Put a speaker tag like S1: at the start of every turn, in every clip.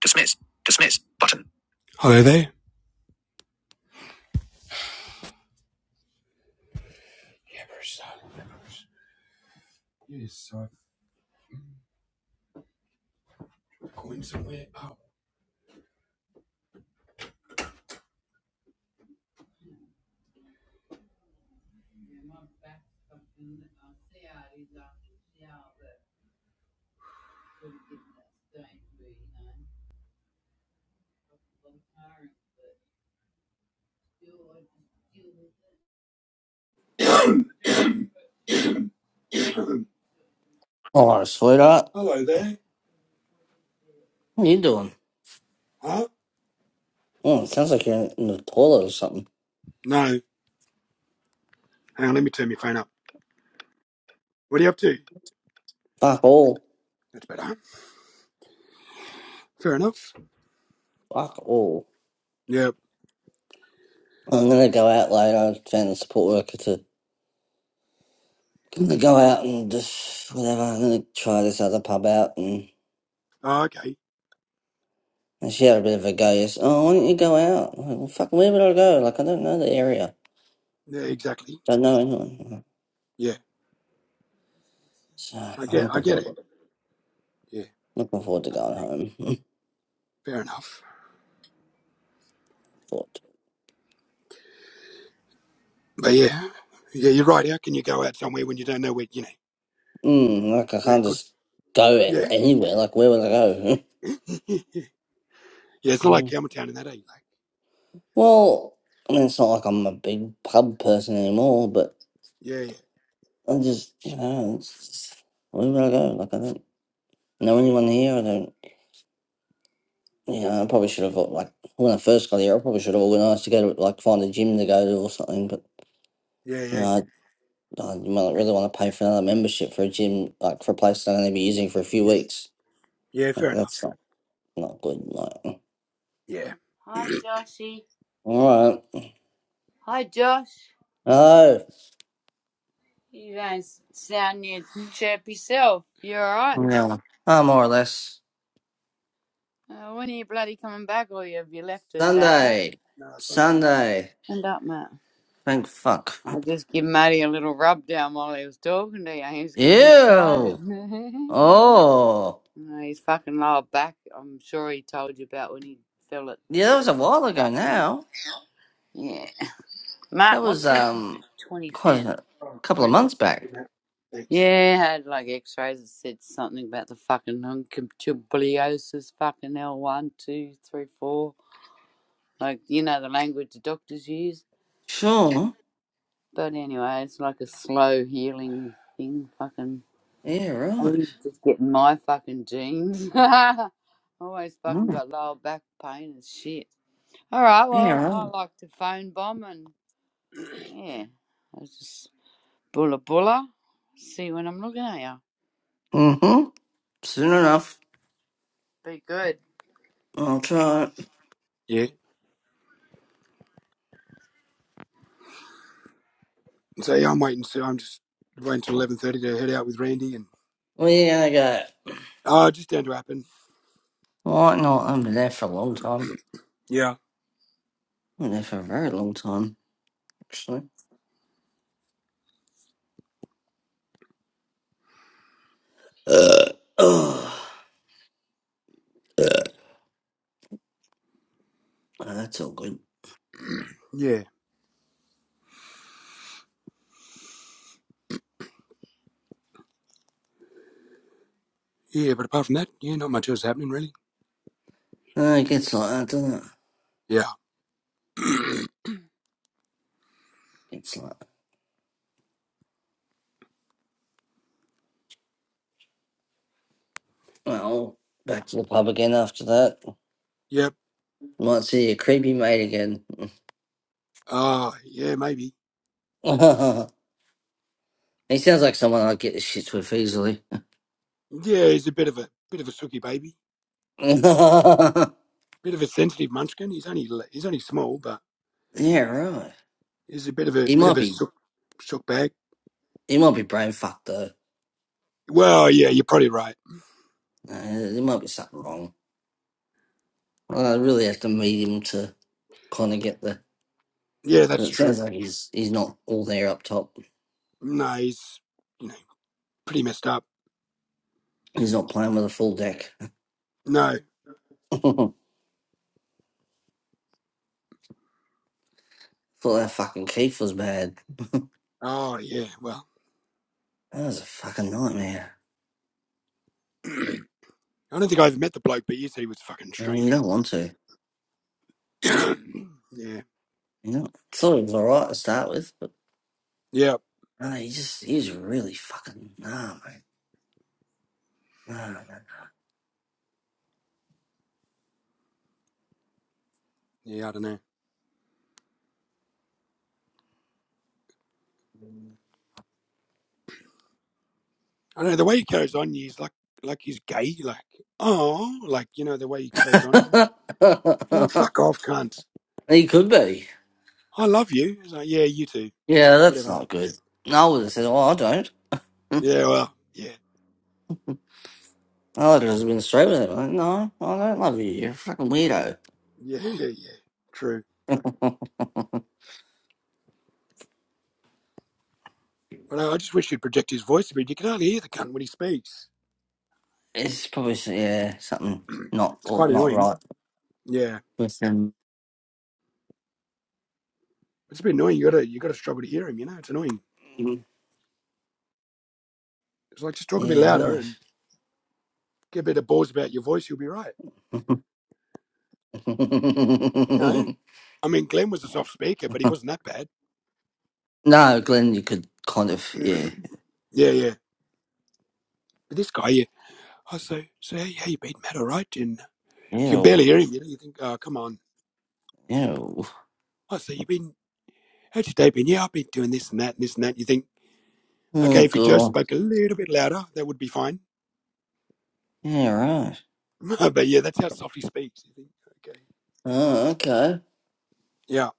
S1: Dismiss. Dismiss. Button. Hello there. It is so going somewhere. Oh.
S2: Oh, sweetheart,
S1: Hello there.
S2: what are you doing?
S1: Huh?
S2: Oh, it sounds like you're in the toilet or something.
S1: No. Hang on, let me turn my phone up. What are you up to?
S2: Fuck all.
S1: That's better. Fair enough.
S2: Fuck all.
S1: Yeah.
S2: I'm gonna go out later. I found a support worker to I'm gonna go out and just whatever. I'm gonna try this other pub out and,
S1: Oh, okay.
S2: and she had a bit of a go. Yes. Oh, why don't you go out? I'm Like, well, fuck, where would I go? Like, I don't know the area.
S1: Yeah, exactly.
S2: Don't know anyone.
S1: Yeah.
S2: So
S1: I
S2: I'm
S1: get I
S2: looking
S1: get it.
S2: forward.
S1: Yeah.
S2: Looking forward to going home.
S1: Fair enough.
S2: forward. to
S1: But yeah, yeah, you're right. How can you go out somewhere when you don't know where you know
S2: it. Mm, like I
S1: where
S2: can't
S1: good?
S2: just go a-
S1: Yeah,
S2: anywhere. Like, where would I
S1: yeah. It's not like
S2: go?
S1: Campbelltown in that, are you? Like,
S2: Well, I mean, it's not like I'm a big pub person anymore, but
S1: yeah, yeah,
S2: I just, you know, it's just, wherever I go, like, I don't know anyone here. I don't, you know, I probably should have, like, when I first got here, I probably should have organised to go to, like, find a gym to go to or something, but,
S1: yeah,
S2: you
S1: yeah,
S2: know, I, I might really want to pay for another membership for a gym, like, for a place that I'm going to be using for a few
S1: yeah.
S2: weeks.
S1: Yeah,
S2: Like,
S1: fair
S2: that's
S1: enough.
S2: not, not good. Like,
S1: Yeah, Hi, Joshy.
S2: all right.
S1: Hi, Josh.
S2: Oh,
S1: You don't sound your chirpy self. You alright?
S2: yeah. Oh, more or less.
S1: Uh, when are you bloody coming back, or you- have you left us, have you?
S2: Sunday.
S1: no, Sunday.
S2: Sunday.
S1: Stand up, Matt.
S2: Thank fuck.
S1: I just give Matty a little rub down while he was talking to you. He was getting
S2: Ew.
S1: excited.
S2: Oh.
S1: No, he's fucking lower back. I'm sure he told you about when he fell at
S2: Yeah, that was a while
S1: the
S2: ago
S1: barbie.
S2: now.
S1: Yeah. Mark,
S2: That was
S1: what's your
S2: um
S1: 20
S2: quite
S1: cent?
S2: a
S1: Oh,
S2: couple of
S1: thanks.
S2: months back.
S1: Thanks. Yeah, I had like x rays that said something about the fucking uncompatibiliosis, fucking l one, 2, 3, 4. Like, you know, the language the doctors use.
S2: Sure.
S1: But anyway, it's like a slow healing thing. Fucking,
S2: Yeah,
S1: I
S2: right.
S1: think it's just getting my fucking genes. Always fucking
S2: Mm.
S1: got lower back pain and shit. All right.
S2: Yeah,
S1: Well, I
S2: right.
S1: like to phone bomb and yeah, I just bulla bulla. See when I'm looking at you.
S2: Mm-hmm. Soon enough.
S1: Be good.
S2: I'll try it.
S1: Yeah. So yeah, I'm waiting. So I'm just waiting till eleven thirty to head out with Randy and
S2: Where you gonna go?
S1: oh, just down to happen.
S2: Why not? I've been there for a long time.
S1: Yeah.
S2: I've been there for a very long time, actually. Uh, oh, that's all good.
S1: Yeah. Yeah. But apart from that, yeah, not much else happening really.
S2: Uh, it gets like that, doesn't it?
S1: Yeah.
S2: It's like, well, back to the pub again after that.
S1: yep.
S2: Well, Let's see, creepy mate again.
S1: Ah. Uh, yeah. Maybe.
S2: he sounds like someone I'd get the shits with easily.
S1: Yeah. He's a bit of a bit of a sooky baby. Bit of a sensitive munchkin. He's only he's only small, but
S2: yeah, right.
S1: he's a bit of a
S2: He
S1: bit of
S2: might
S1: a
S2: be,
S1: sook, sook bag.
S2: he might be brain fucked though.
S1: Well, yeah, you're probably right.
S2: Uh, there might be something wrong. Well, I really have to meet him to kind of get the.
S1: Yeah,
S2: But
S1: that's
S2: it sounds
S1: true.
S2: like he's he's not all there up top.
S1: No, he's you know pretty messed up.
S2: He's not playing with a full deck.
S1: No.
S2: Thought that fucking Keith was bad.
S1: Oh yeah. Well,
S2: That was a fucking nightmare.
S1: I don't think I ever met the bloke, but you said he was fucking
S2: And You
S1: strange.
S2: don't want to.
S1: yeah.
S2: You know, thought he was alright to start with, but
S1: Yeah.
S2: no, he just he was really fucking nah, mate. he
S1: Yeah. I don't know. I don't know the way he carries on. He's like like he's gay. Like oh, like you know the way he carries on. Oh fuck off, cunt.
S2: could be.
S1: I love you. It's like yeah, you too.
S2: Yeah, that's
S1: Whatever.
S2: not good. I would have said, "Oh, I don't."
S1: Yeah. Well. Yeah.
S2: I would have just been straight with it. Like, no, I don't love you. You're a fucking weirdo.
S1: Yeah. Yeah. Yeah. True. But I I just wish he'd project his voice a bit. You can hardly hear the cunt when he speaks.
S2: It's probably s- yeah something not
S1: It's
S2: or
S1: quite
S2: not
S1: annoying.
S2: right
S1: Yeah.
S2: with him.
S1: It's a bit annoying. You gotta you gotta struggle to hear him. You know, it's annoying. It's like just talk a bit
S2: Yeah,
S1: louder
S2: right.
S1: and get a bit of balls about your voice. You'll be right. You know, I mean, Glenn was a soft speaker, but he wasn't that bad.
S2: no, Glenn, you could kind of yeah.
S1: yeah, yeah. But this guy, yeah. I say, so so how, how you been, Matt? All right? And you can
S2: Ew,
S1: barely hear him. You know, you think, oh, come on.
S2: ew.
S1: I say, you been? How's your day been? Yeah, I've been doing this and that and this and that. You think,
S2: Oh
S1: okay, if you just
S2: god.
S1: spoke a little bit louder, that would be fine.
S2: Yeah, right.
S1: but yeah, that's how soft he speaks. You think, okay,
S2: Oh, okay.
S1: yeah.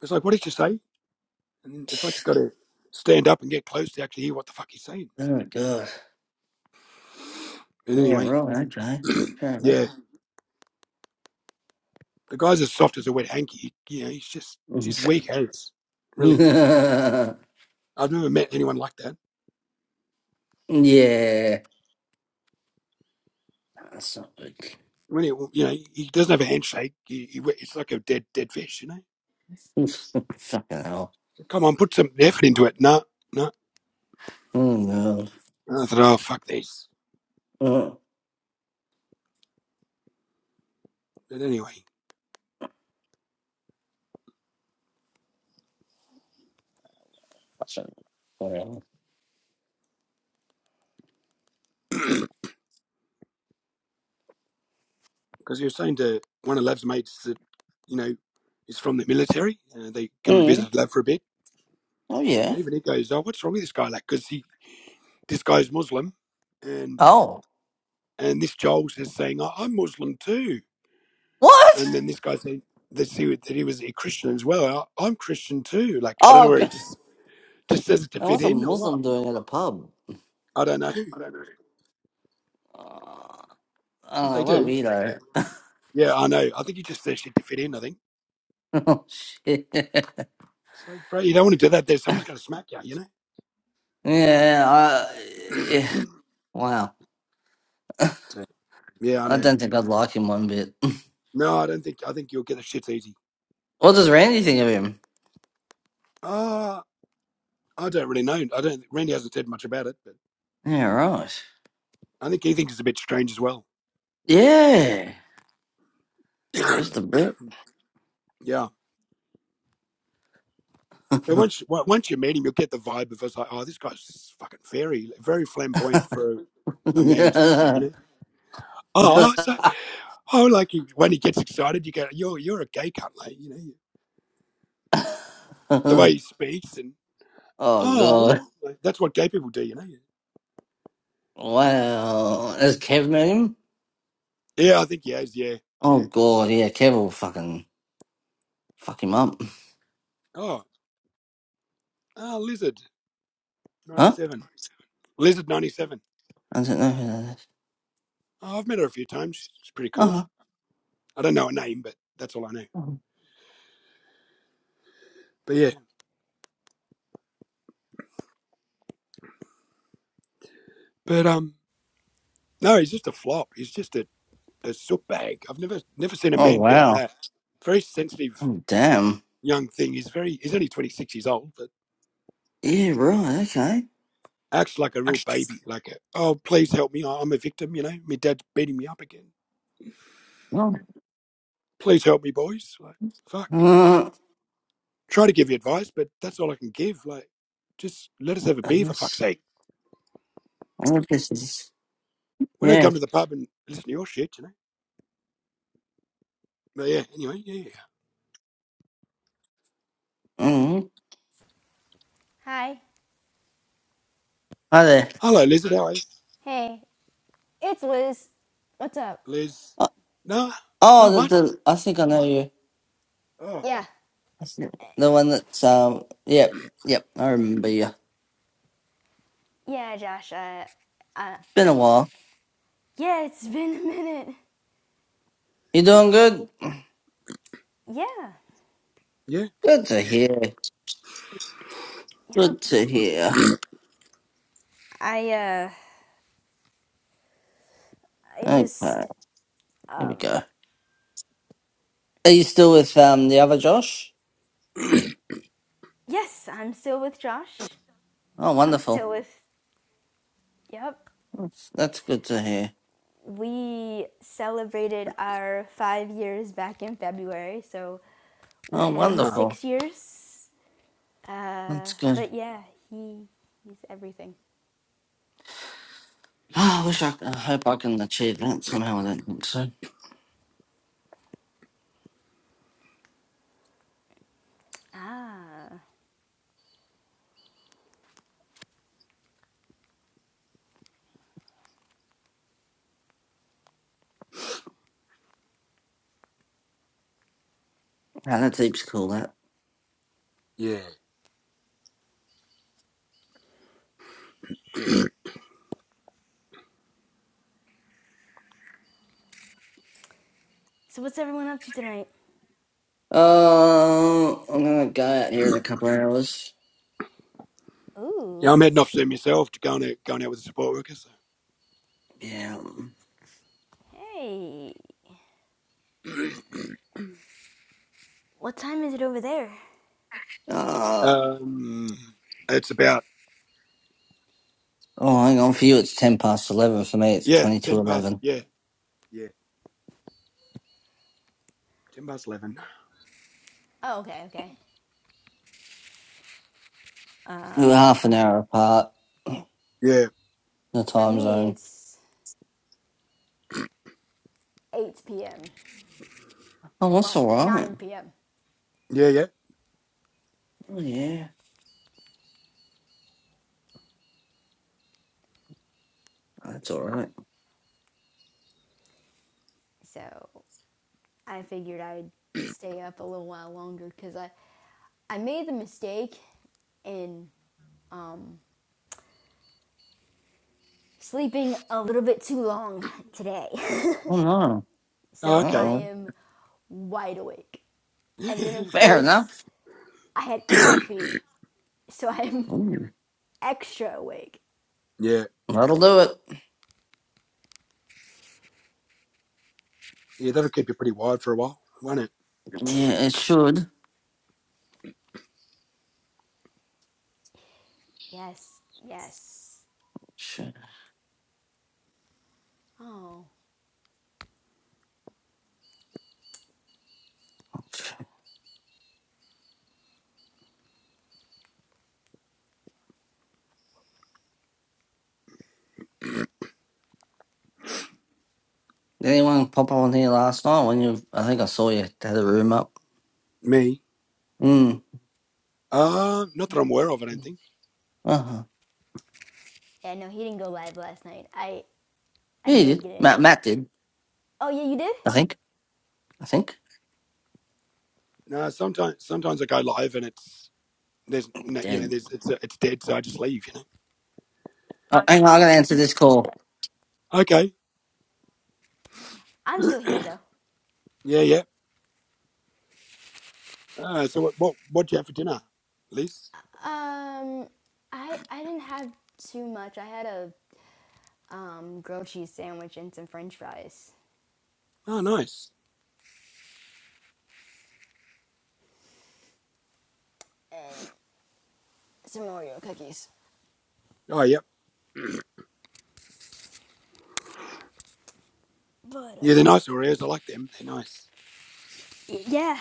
S1: It's like, what did you say? And it's like you got to stand up and get close to actually hear what the fuck he's saying.
S2: Oh god.
S1: But
S2: Yeah,
S1: anyway,
S2: right. Okay. Fair enough.
S1: yeah, the guy's as soft as a wet hanky. He, you know, he's just he's weak hands, really.
S2: yeah,
S1: I've never met anyone like that.
S2: that's not good.
S1: When he, you know, he doesn't have a handshake. He, he, it's like a dead, dead fish. You know,
S2: Fucking hell.
S1: come on, put some effort into it. No, no.
S2: Oh no.
S1: And I thought, oh fuck this.
S2: Oh,
S1: But anyway,
S2: that's not- whatever.
S1: because he was saying to one of Lav's mates that you know is from the military, and they come and
S2: Mm.
S1: visit Lav for a bit
S2: Oh yeah.
S1: Even he goes, "Oh, what's wrong with this guy?" Like, because he this guy's Muslim, and
S2: Oh,
S1: and this Joel is saying, "I- "I'm Muslim too,"
S2: what?
S1: and then this guy saying that he was- that he was a Christian as well. I, I'm Christian too. Like I don't
S2: Oh
S1: know where he
S2: god.
S1: just just says it to
S2: And
S1: fit
S2: what's a
S1: in or what.
S2: Muslim doing at a pub?
S1: I don't know,
S2: Uh, I don't
S1: but they
S2: know. What a
S1: do.
S2: weirdo.
S1: Yeah, I know. I think he just says shit to fit in. I think
S2: oh shit.
S1: it's like, bro, you don't want to do that. There, someone's going to smack you. You know.
S2: yeah. I, yeah. Wow.
S1: So, yeah, I
S2: I
S1: know.
S2: don't think I'd like him one bit.
S1: No, I don't think. I think you'll get the shit easy.
S2: What does Randy think of him?
S1: Ah, I don't really know. I don't. Randy hasn't said much about it, but
S2: Yeah. Right.
S1: I think he thinks it's a bit strange as well.
S2: Yeah. Just a bit.
S1: yeah. And once once you meet him, you'll get the vibe of us like, oh, this guy's fucking very, very flamboyant for a man's man, you know. Oh, oh, so oh, like you, when he gets excited, you go, you're you're a gay cunt, like you know. The way
S2: oh
S1: he speaks and
S2: god.
S1: oh, like, that's what gay people do, you know.
S2: Wow. Has Kev met him?
S1: Yeah, I think he has. Yeah.
S2: Oh god, yeah, Kev will fucking fuck him up.
S1: Oh, oh, lizard ninety
S2: Huh?
S1: seven, lizard ninety seven.
S2: I don't know who that is.
S1: Oh, I've met her a few times. She's pretty cool.
S2: Oh.
S1: I don't know her name, but that's all I know. But yeah, but um, no, he's just a flop. He's just a a soot bag. I've never never seen a
S2: Oh
S1: man be like
S2: wow.
S1: that. Very sensitive
S2: Oh damn.
S1: young thing. He's very he's only twenty six years old, but
S2: Yeah, right, okay.
S1: acts like a real baby. Like, a, oh please help me, I- am a victim. You know, my dad's beating me up again.
S2: Well,
S1: Please help me, boys. Like, fuck.
S2: Uh,
S1: Try to give you advice, but that's all I can give. Like, just let us have a
S2: I
S1: beer for fuck's
S2: guess
S1: sake.
S2: I wonder if this is
S1: We don't
S2: yeah.
S1: come to the pub and listen to your shit, you know. But yeah, anyway, yeah. yeah. yeah.
S2: hmm
S3: Hi.
S2: Hi there.
S1: Hello, Liz. How are you,
S3: Hey, it's Liz. What's up?
S1: Liz?
S2: Uh,
S1: No, not
S2: oh, the,
S1: much.
S2: the I think I know you.
S1: Oh,
S3: Yeah.
S2: I think- The one that's um. Yep, yep. I remember you.
S3: Yeah, Josh. Uh, uh,
S2: Been a while.
S3: yeah, it's been a minute.
S2: You doing good?
S3: Yeah.
S1: yeah.
S2: Good to hear.
S3: Yep.
S2: Good to hear.
S3: I uh, I
S2: Okay, here
S3: just
S2: we
S3: um,
S2: go. Are you still with um the other Josh?
S3: yes, I'm still with Josh.
S2: Oh,
S3: I'm
S2: wonderful.
S3: still with. Yep.
S2: That's, that's good to hear.
S3: We celebrated our five years back in February, so we're
S2: Oh,
S3: headed to
S1: Ah,
S2: wonderful.
S3: six years. Uh,
S2: That's good.
S3: but yeah, he he's everything.
S2: Oh, I wish I, I hope I can achieve that somehow. I don't think so.
S3: Ah.
S2: Yeah, that's heaps cool. That.
S1: yeah.
S3: So what's everyone up to tonight?
S2: Uh, I'm gonna go out here in a couple of hours.
S1: Yeah,
S3: Ooh.
S1: I'm heading off soon myself to going out going out with the support workers.
S2: Yeah.
S3: Hey. What time is it over there?
S1: So.
S2: Uh,
S1: Um, it's about
S2: oh, hang on. For you, it's ten past eleven. For me, it's
S1: yeah,
S2: twenty-two
S1: ten past
S2: eleven.
S1: yeah yeah ten past eleven.
S3: Oh, okay, okay.
S2: We're half an hour apart
S1: Yeah
S2: in the
S3: For
S2: time
S3: me,
S2: zone.
S3: it's 8 p.m.
S2: Oh, that's
S3: Well,
S2: all right.
S3: 9 p.m.
S1: yeah yeah.
S2: Oh yeah, that's all right.
S3: So I figured I'd stay up a little while longer because I, I made the mistake in um, sleeping a little bit too long today.
S2: Oh no.
S1: Oh,
S2: Uh
S3: so
S1: okay.
S3: I
S2: oh.
S3: am wide awake. And then, of
S1: yeah
S2: Fair
S3: course,
S2: enough.
S3: I had coffee, so I'm
S2: Ooh,
S3: extra awake.
S2: that'll do it.
S1: yeah, that'll keep you pretty wide for a while, won't it?
S2: Yeah, it should.
S3: Yes, yes.
S2: Should.
S3: Oh,
S2: Did anyone pop on here last night when you? I think I saw you had a room up.
S1: Me?
S2: Mm.
S1: Uh not that I'm aware of. I don't think.
S2: Uh huh.
S3: Yeah, no, he didn't go live last night. I I
S2: Yeah, you
S3: did
S2: did.
S3: get a
S2: Matt,
S3: note.
S2: Matt did.
S3: Oh yeah, you did.
S2: I think. I think.
S1: No, sometimes sometimes I go live and it's there's
S2: He
S1: no, you know
S2: did.
S1: there's it's it's dead, so I just leave. You know.
S2: Oh, hang on, I gotta answer this call.
S1: Okay.
S3: I'm still here though.
S1: yeah yeah. Uh, so what what what do you have for dinner, Liz?
S3: Um, I I didn't have too much. I had a um grilled cheese sandwich and some French fries
S1: Oh nice.
S3: and some Oreo cookies.
S1: Oh, yeah.
S3: But
S1: Yeah,
S3: um,
S1: they're nice Oreos. I like them. They're nice.
S3: yeah.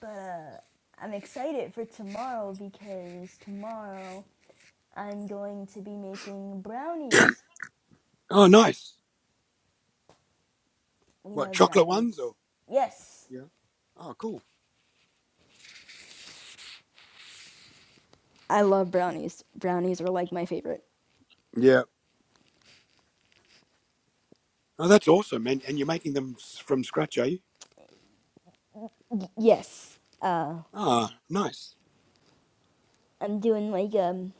S3: But uh, I'm excited for tomorrow because tomorrow I'm going to be making brownies.
S1: Oh, nice.
S3: We
S1: What
S3: love
S1: chocolate ones
S3: brownies.
S1: or?
S3: Yes.
S1: Yeah. Oh, cool.
S3: I love brownies. Brownies are like my favorite.
S1: Yeah. Oh, that's awesome. And and you're making them s- from scratch, are you?
S3: Yes. Uh,
S1: Ah, nice.
S3: I'm doing like um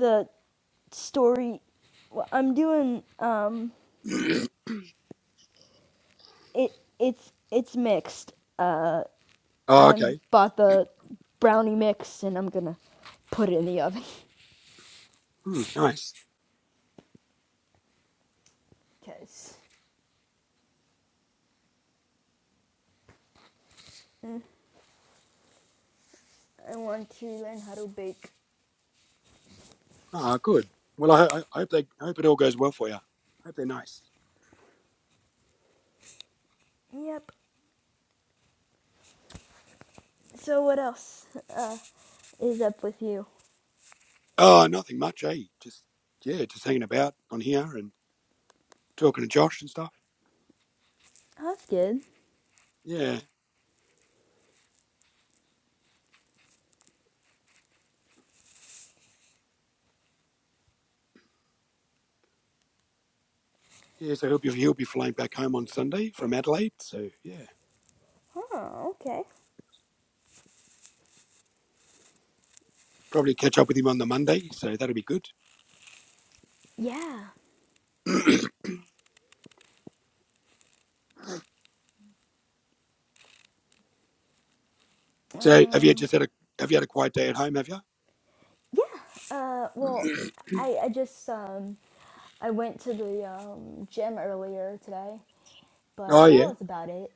S3: the story. I'm doing it. It's it's mixed.
S1: Oh,
S3: I
S1: okay.
S3: bought the brownie mix and I'm gonna put it in the oven.
S1: Hmm, nice.
S3: Cause mm, I want to learn how to bake.
S1: Ah, good. Well, I, ho- I hope they I hope it all goes well for you. Hope they're nice.
S3: Yep. So what else uh, is up with you?
S1: Oh, nothing much, eh? Just yeah, just hanging about on here and talking to Josh and stuff.
S3: Oh, that's good.
S1: Yeah, yeah. So he'll be he'll be flying back home on Sunday from Adelaide. So yeah,
S3: Oh, okay.
S1: probably catch up with him on the Monday. So that'll be good.
S3: Yeah.
S1: So have you
S3: Um.
S1: just had a have you had a quiet day at home, have you?
S3: Yeah. Uh. Well, I I just um I went to the um gym earlier today
S1: Oh
S3: but that
S1: yeah.
S3: was about it.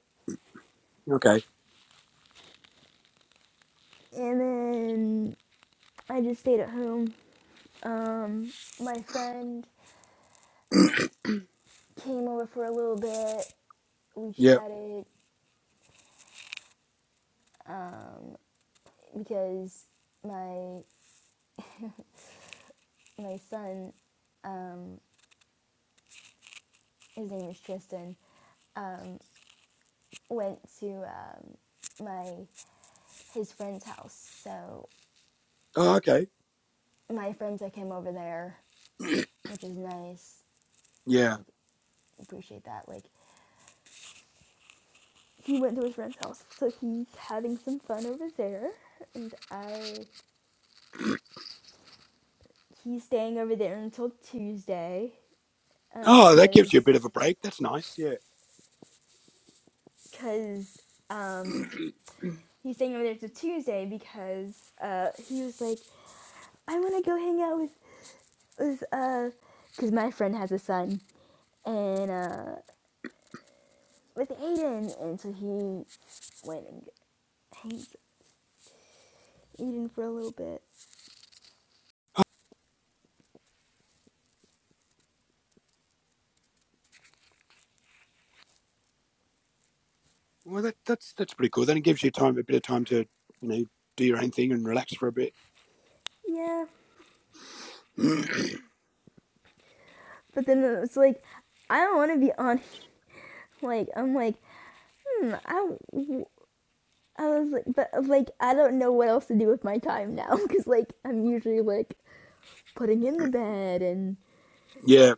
S1: Okay.
S3: And then I just stayed at home. Um, my friend came over for a little bit. We
S1: Yeah.
S3: chatted um, because my my son, um, his name is Tristan, um, went to um, my his friend's house. So
S1: Oh okay.
S3: my friends that came over there, which is nice. I
S1: Yeah.
S3: appreciate that. Like he went to his friend's house, so he's having some fun over there, and I he's staying over there until Tuesday, uh,
S1: Oh, that gives
S3: cause
S1: you a bit of a break. That's nice. Yeah.
S3: cause um he's staying over there till Tuesday because uh he was like I want to go hang out with with uh cause my friend has a son and uh with Aiden, and so he went and hangs Aiden for a little bit.
S1: Well that that's that's pretty cool. Then it gives you time a bit of time to, you know, do your own thing and relax for a bit.
S3: Yeah, but then it's like I don't want to be on Like I'm like, hmm, I, I was like, but like I don't know what else to do with my time now because like I'm usually like putting in the bed and
S1: yeah.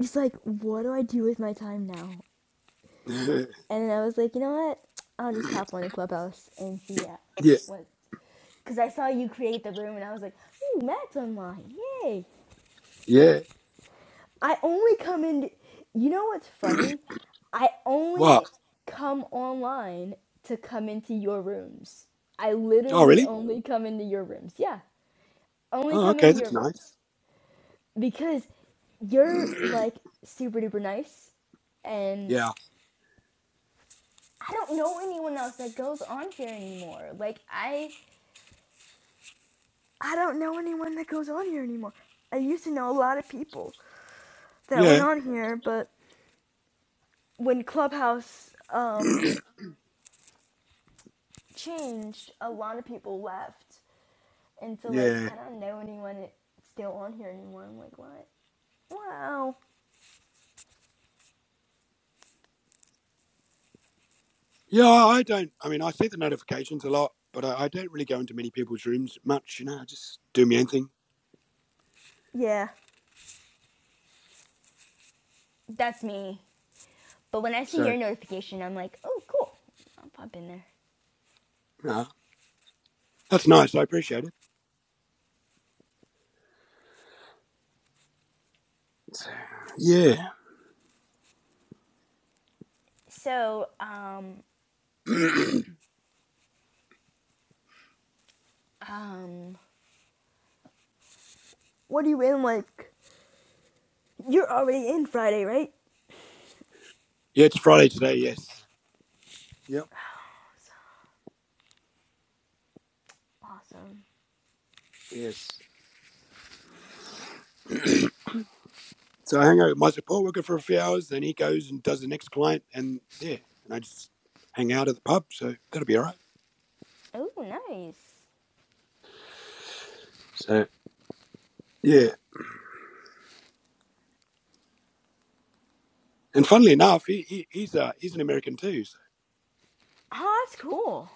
S3: just like what do I do with my time now? And I was like, you know what? I'll just pop on a clubhouse and see yeah,
S1: yeah.
S3: what. Because I saw you create the room and I was like, ooh, Matt's online, yay!
S1: Yeah.
S3: I only come in. You know what's funny? I
S1: What?
S3: only come online to come into your rooms. I
S1: Oh
S3: literally
S1: really?
S3: only come into your rooms. Yeah, only
S1: Oh
S3: come
S1: okay,
S3: into your
S1: that's nice.
S3: rooms because you're like super duper nice, and
S1: yeah.
S3: I don't know anyone else that goes on here anymore. Like I, I don't know anyone that goes on here anymore. I used to know a lot of people that went
S1: Yeah.
S3: on here, but when Clubhouse, um, changed, a lot of people left, and so like
S1: Yeah.
S3: I don't know anyone still on here anymore. I'm like, what? Wow.
S1: Yeah, I don't I mean I see the notifications a lot, but I, I don't really go into many people's rooms much, you know, I just do my own thing.
S3: Yeah, that's me. But when I see
S1: So
S3: your notification, I'm like, oh, cool. I'll pop in there.
S1: No, that's nice. I appreciate it. It's- yeah.
S3: So, um, um, what are you in like? You're already in Friday, right?
S1: yeah, it's Friday today. Yes. Yep.
S3: Awesome. Awesome.
S1: Yes. so I hang out with my support worker for a few hours, then he goes and does the next client, and yeah, and I just hang out at the pub. So that'll be all right.
S3: Oh, nice.
S1: So yeah, and funnily enough, he, he he's uh he's an American too. So
S3: Oh, that's cool.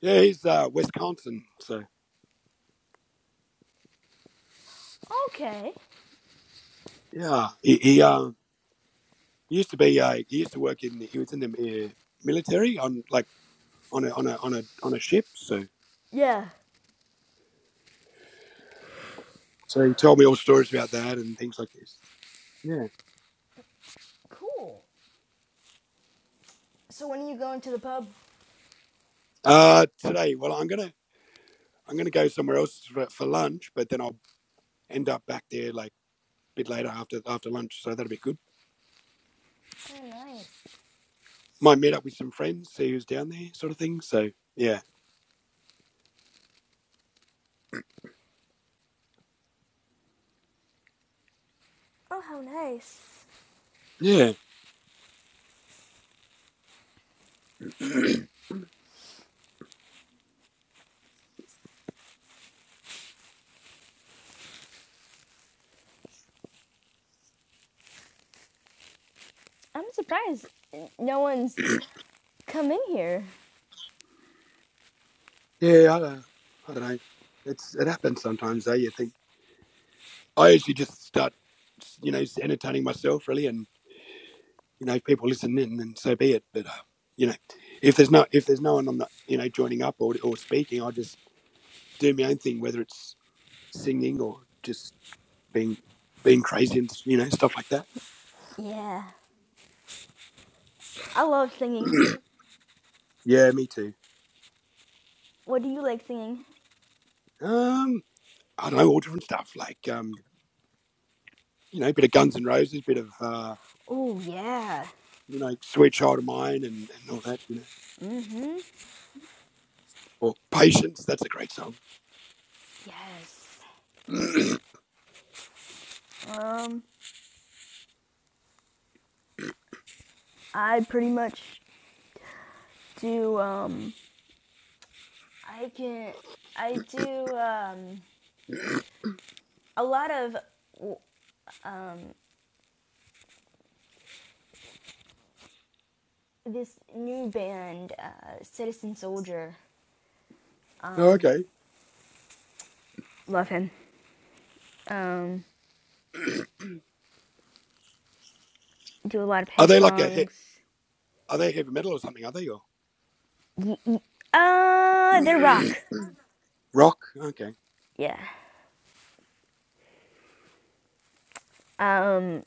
S1: yeah, he's uh Wisconsin. So
S3: Okay.
S1: yeah, he he um he used to be uh he used to work in he was in the uh, military on like on a on a on a on a ship. So
S3: Yeah.
S1: So he told me all stories about that and things like this. Yeah.
S3: Cool. So when are you going to the pub?
S1: Uh, today, well, I'm gonna I'm gonna go somewhere else for, for lunch, but then I'll end up back there like a bit later after after lunch, so that'll be good.
S3: Oh, nice.
S1: Might meet up with some friends, see who's down there, sort of thing. So yeah,
S3: Oh, how nice.
S1: yeah, yeah.
S3: I'm surprised no one's come in here.
S1: I, don't- I don't know. It's it happens sometimes though. You think I usually just start, you know, entertaining myself really, and you know, if people listen in, then so be it. But uh, you know, if there's no if there's no one, I'm not you know joining up or or speaking. I just doing my own thing, whether it's singing or just being being crazy and you know stuff like that.
S3: Yeah, I love singing.
S1: yeah, me too.
S3: What do you like singing?
S1: Um, I don't know all different stuff like um, you know, a bit of Guns and Roses, bit of uh,
S3: Oh, yeah.
S1: you know, Sweet Child of Mine, and, and all that. You know,
S3: Mm-hmm.
S1: or Patience. That's a great song.
S3: Yes.
S1: oh,
S3: Um, I pretty much do. Um, I can. I do um, a lot of um, this new band, uh, Citizen Soldier. Um,
S1: okay.
S3: love him. Um, do a lot of
S1: Are
S3: his
S1: they like a hit?
S3: songs.
S1: Are they heavy metal or something? Are they or
S3: Uh, they're rock.
S1: rock? Okay.
S3: Yeah. Um,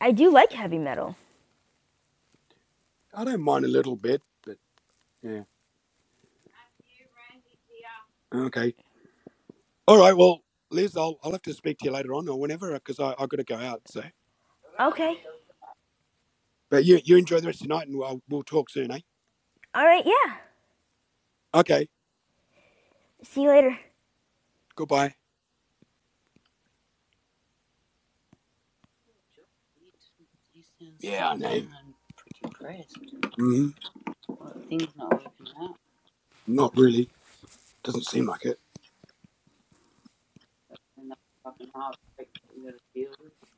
S3: I do like heavy metal.
S1: I don't mind a little bit, but yeah. Okay. All right. Well, Liz, I'll, I'll have to speak to you later on or whenever because I've got to go out. So,
S3: Okay.
S1: but you, you enjoy the rest of the night and we'll, we'll talk soon, eh?
S3: All right, yeah.
S1: Okay.
S3: See you later.
S1: Goodbye. Yeah, I know. Mhm. Not working out. Not really. Doesn't seem like it. And that's fucking hard to deal with.